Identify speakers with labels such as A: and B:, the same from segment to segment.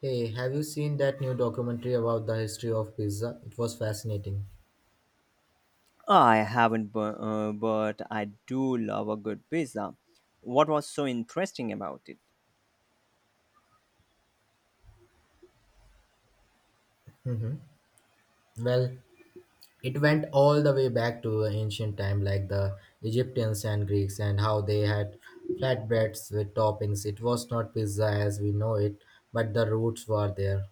A: Hey, have you seen that new documentary about the history of pizza? It was fascinating.
B: I haven't, but I do love a good pizza. What was so interesting about it?
A: Well, it went all the way back to ancient time like the Egyptians and Greeks and how they had flatbreads with toppings. It was not pizza as we know it, but the roots were there.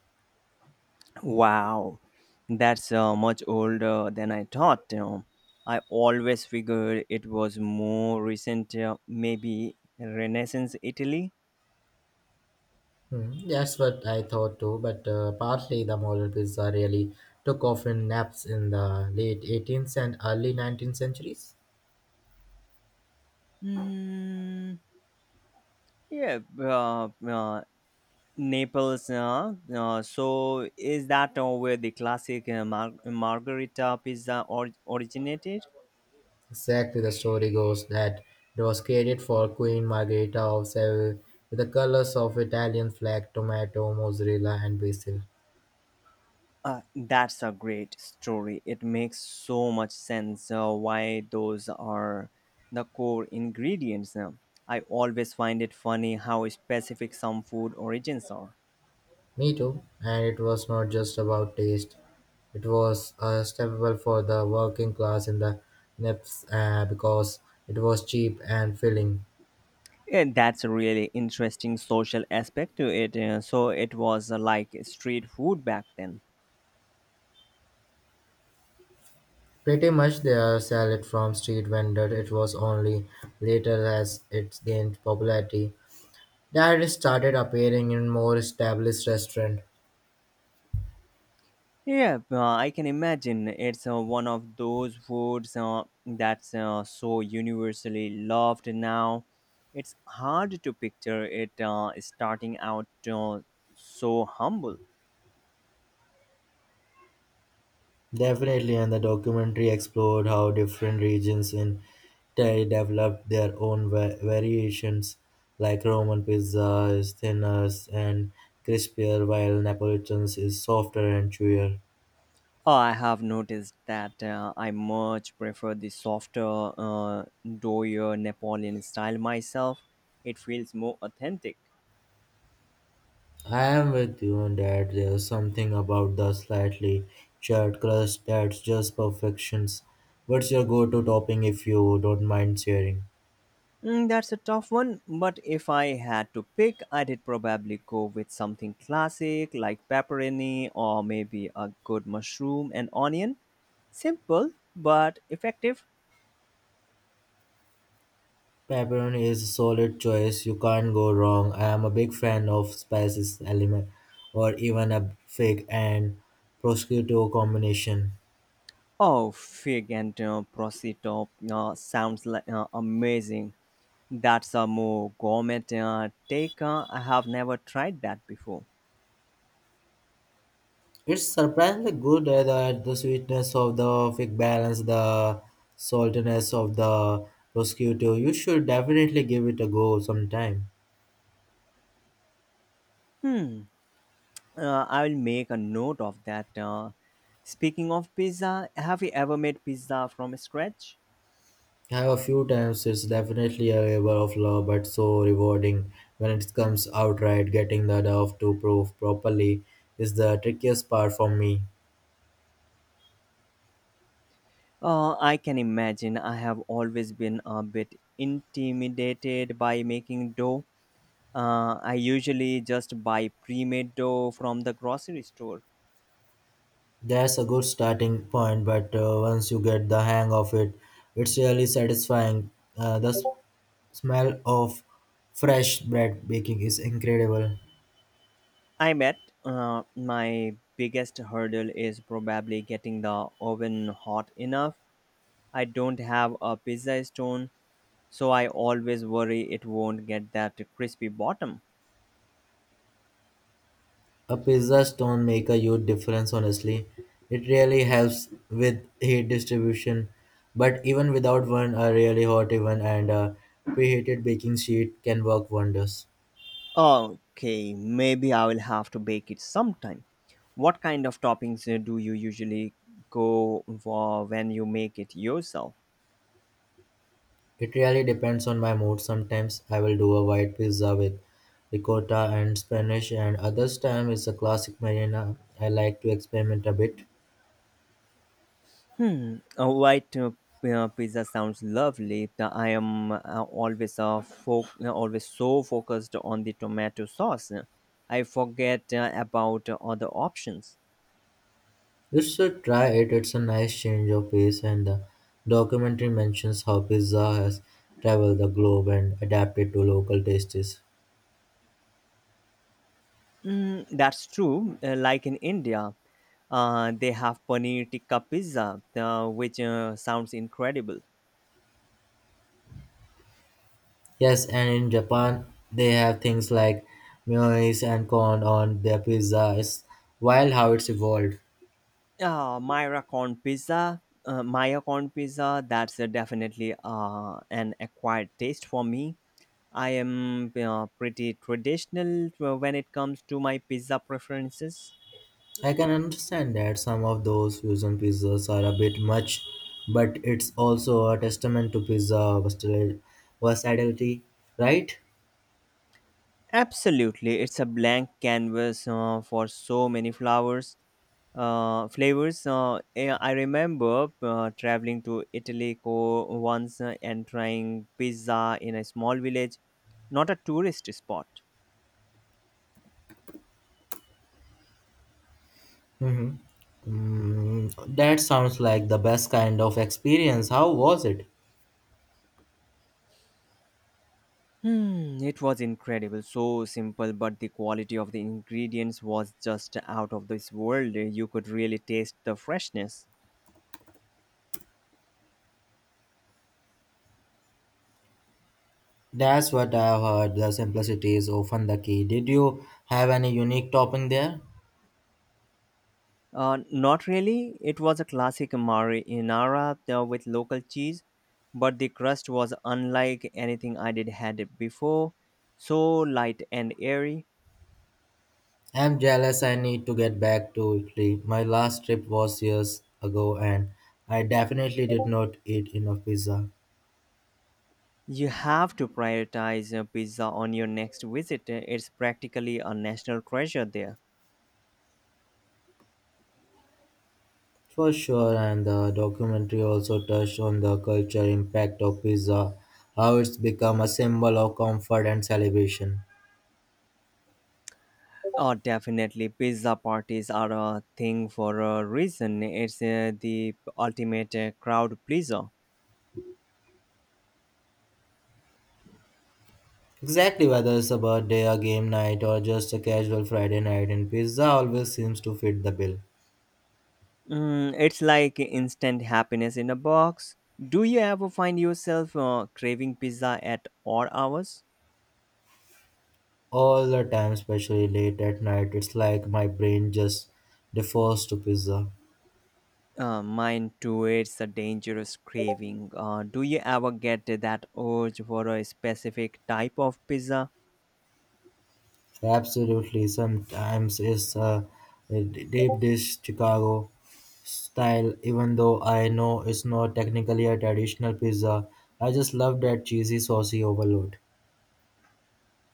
B: Wow, that's much older than I thought. I always figured it was more recent, maybe Renaissance Italy.
A: Hmm, that's what I thought too, but partly the modern pizza really took off in naps in the late 18th and early 19th centuries.
B: Mm, yeah, Naples. So, is that where the classic margarita pizza originated?
A: Exactly, the story goes that it was created for Queen Margherita of Seville with the colors of Italian flag, tomato, mozzarella, and basil.
B: That's a great story. It makes so much sense why those are the core ingredients. I always find it funny how specific some food origins are.
A: Me too. And it was not just about taste; it was a staple for the working class in the Nips because it was cheap and filling.
B: Yeah, that's a really interesting social aspect to it. So it was like street food back then.
A: Pretty much they sell it from street vendor. It was only later as it gained popularity that it started appearing in more established restaurants.
B: Yeah, I can imagine it's one of those foods that's so universally loved now. It's hard to picture it starting out uh, so humble.
A: Definitely, and the documentary explored how different regions in Italy developed their own variations, like Roman pizza is thinner and crispier, while Neapolitan's is softer and chewier.
B: I have noticed that I much prefer the softer, doughier Napoleon style myself. It feels more authentic.
A: I am with you on that. There's something about the slightly charred crust that's just perfections. What's your go-to topping if you don't mind sharing?
B: That's a tough one, but if I had to pick, I'd probably go with something classic like pepperoni or maybe a good mushroom and onion. Simple but effective.
A: Pepperoni is a solid choice, you can't go wrong. I am a big fan of spices element or even a fig and prosciutto combination.
B: Oh, fig and prosciutto sounds like, amazing. That's a more gourmet take. I have never tried that before.
A: It's surprisingly good that the sweetness of the fig balance the saltiness of the prosciutto. You should definitely give it a go sometime.
B: Hmm, I will make a note of that. Speaking of pizza, have you ever made pizza from scratch?
A: I have a few times it's definitely a labor of love but so rewarding when it comes out right, getting the dough to proof properly is the trickiest part for me.
B: I can imagine. I have always been a bit intimidated by making dough. I usually just buy pre made dough from the grocery store.
A: That's a good starting point, but once you get the hang of it, it's really satisfying. The smell of fresh bread baking is incredible.
B: I bet my biggest hurdle is probably getting the oven hot enough. I don't have a pizza stone, so I always worry it won't get that crispy bottom.
A: A pizza stone make a huge difference, honestly. It really helps with heat distribution, but even without one, a really hot oven and a preheated baking sheet can work wonders.
B: Okay, maybe I will have to bake it sometime. What kind of toppings do you usually go for when you make it yourself?
A: It really depends on my mood. Sometimes I will do a white pizza with ricotta and spinach, and others time it's a classic marina. I like to experiment a bit.
B: A white pizza sounds lovely. I am always always so focused on the tomato sauce. I forget about other options.
A: You should try it. It's a nice change of pace, and the documentary mentions how pizza has traveled the globe and adapted to local tastes.
B: That's true. Like in India, they have paneer tikka pizza, which sounds incredible.
A: Yes, and in Japan they have things like mayonnaise and corn on their pizza. It's wild how it's evolved.
B: Myra corn pizza. Maya corn pizza. That's definitely an acquired taste for me. I am pretty traditional when it comes to my pizza preferences.
A: I can understand that some of those fusion pizzas are a bit much, but it's also a testament to pizza versatility, right?
B: Absolutely, it's a blank canvas for so many flowers. Flavors. I remember traveling to Italy once and trying pizza in a small village, not a tourist spot.
A: Mm, that sounds like the best kind of experience. How was it?
B: It was incredible. So simple, but the quality of the ingredients was just out of this world. You could really taste the freshness.
A: That's what I've heard. The simplicity is often the key. Did you have any unique topping there?
B: Not really. It was a classic marinara with local cheese, but the crust was unlike anything I did had before. So light and airy.
A: I'm jealous. I need to get back to Italy. My last trip was years ago, and I definitely did not eat enough pizza.
B: You have to prioritize pizza on your next visit. It's practically a national treasure there.
A: For sure, and the documentary also touched on the cultural impact of pizza, how it's become a symbol of comfort and celebration.
B: Oh, definitely. Pizza parties are a thing for a reason. It's the ultimate crowd pleaser.
A: Exactly, whether it's a birthday, a game night, or just a casual Friday night, and pizza always seems to fit the bill.
B: It's like instant happiness in a box. Do you ever find yourself craving pizza at odd hours?
A: All the time, especially late at night, it's like my brain just defaults to pizza.
B: Mine too, it's a dangerous craving. Do you ever get that urge for a specific type of pizza?
A: Absolutely, sometimes it's a deep dish Chicago style, even though I know it's not technically a traditional pizza. I just love that cheesy, saucy overload.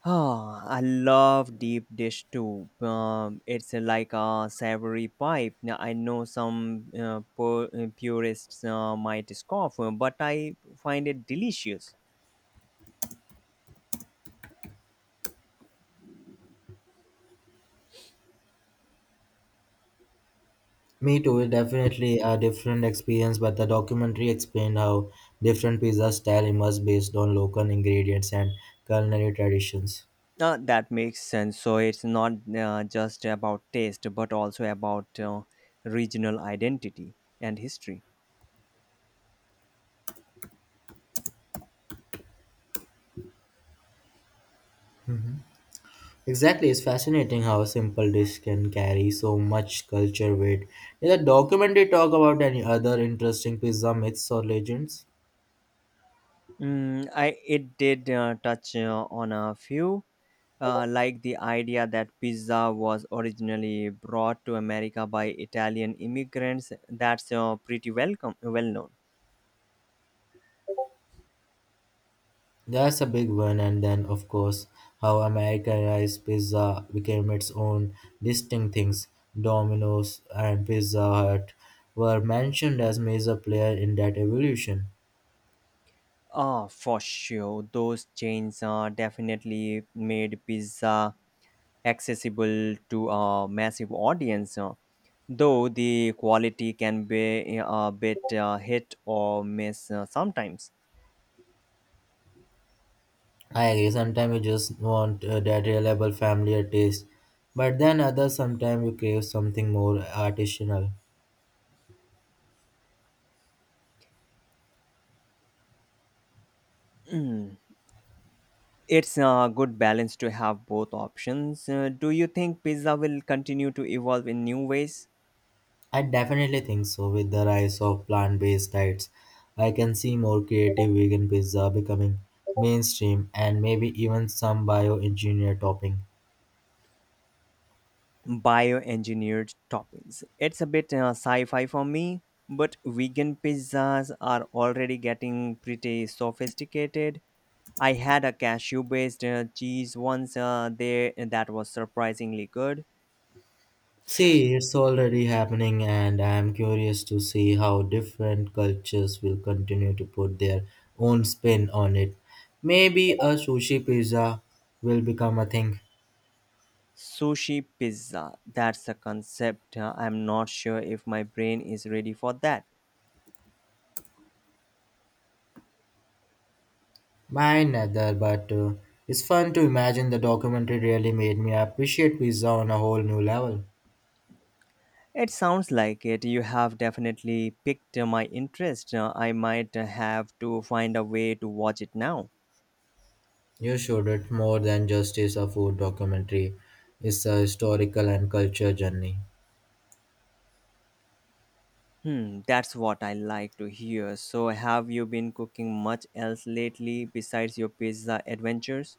B: Oh, I love deep dish too. It's like a savory pipe. Now, I know some purists might scoff, but I find it delicious.
A: Me too, it definitely a different experience, but the documentary explained how different pizza style emerge based on local ingredients and culinary traditions.
B: That makes sense. So it's not just about taste, but also about regional identity and history.
A: Exactly, it's fascinating how a simple dish can carry so much culture weight. In the documentary, talk about any other interesting pizza myths or legends.
B: I it did touch on a few like the idea that pizza was originally brought to America by Italian immigrants, that's pretty welcome, well known.
A: That's a big one, and then, of course, how Americanized pizza became its own distinct things. Domino's and Pizza Hut were mentioned as major player in that evolution.
B: Ah, for sure. Those chains definitely made pizza accessible to a massive audience, though the quality can be a bit hit or miss sometimes.
A: I agree, sometimes you just want that reliable familiar taste, but then others sometimes you crave something more artisanal.
B: Mm. It's a good balance to have both options. Do you think pizza will continue to evolve in new ways?
A: I definitely think so. With the rise of plant based diets, I can see more creative vegan pizza becoming mainstream and maybe even some bioengineered topping.
B: Bioengineered toppings. It's a bit sci fi for me, but vegan pizzas are already getting pretty sophisticated. I had a cashew based cheese once there that was surprisingly good.
A: See, it's already happening, and I am curious to see how different cultures will continue to put their own spin on it. Maybe a sushi pizza will become a thing.
B: Sushi pizza, that's a concept. I'm not sure if my brain is ready for that.
A: Mine neither, but it's fun to imagine the documentary really made me appreciate pizza on a whole new level.
B: It sounds like it. You have definitely piqued my interest. I might have to find a way to watch it now.
A: You should. It's more than just is a food documentary. It's a historical and culture journey.
B: That's what I like to hear. So, have you been cooking much else lately besides your pizza adventures?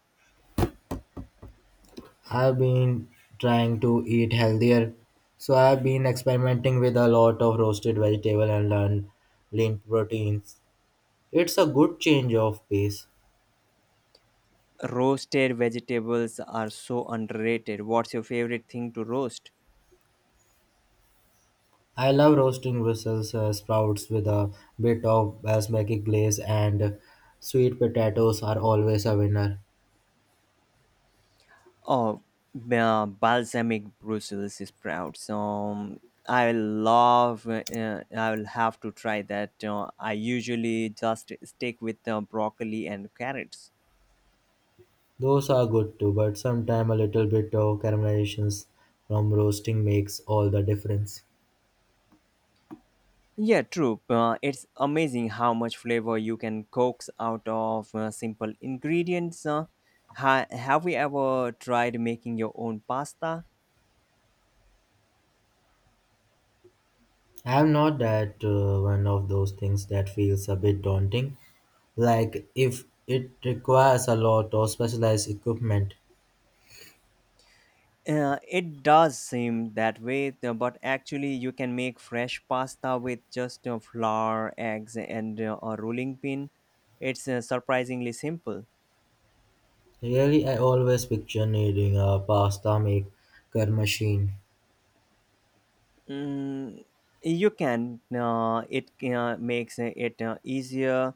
A: I've been trying to eat healthier, so I've been experimenting with a lot of roasted vegetable and learn lean proteins. It's a good change of pace.
B: Roasted vegetables are so underrated. What's your favorite thing to roast?
A: I love roasting Brussels sprouts with a bit of basmati glaze and sweet potatoes are always a winner.
B: Oh, balsamic Brussels sprouts. I love. I will have to try that. I usually just stick with broccoli and carrots.
A: Those are good too, but sometimes a little bit of caramelization from roasting makes all the difference.
B: Yeah, true. It's amazing how much flavor you can coax out of simple ingredients. Have you ever tried making your own pasta?
A: I'm not that one of those things that feels a bit daunting, like if it requires a lot of specialized equipment.
B: It does seem that way, but actually, you can make fresh pasta with just flour, eggs, and a rolling pin. It's surprisingly simple.
A: Really, I always picture needing a pasta maker machine.
B: Mm, you can. It makes it easier,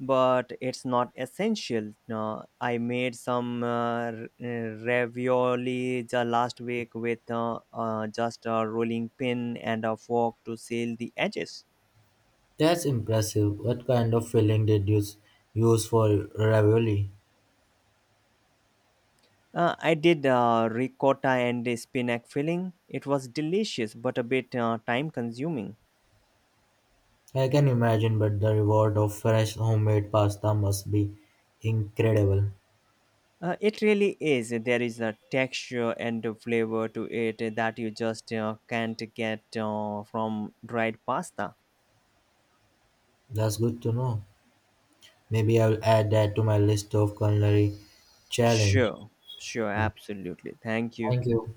B: but it's not essential. I made some r- uh, ravioli the last week with just a rolling pin and a fork to seal the edges.
A: That's impressive. What kind of filling did you use for ravioli?
B: I did ricotta and a spinach filling. It was delicious, but a bit time consuming.
A: I can imagine, but the reward of fresh homemade pasta must be incredible.
B: It really is. There is a texture and a flavor to it that you just can't get from dried pasta.
A: That's good to know. Maybe I'll add that to my list of culinary challenge.
B: Sure, sure, absolutely. Thank
A: Thank
B: you.
A: you.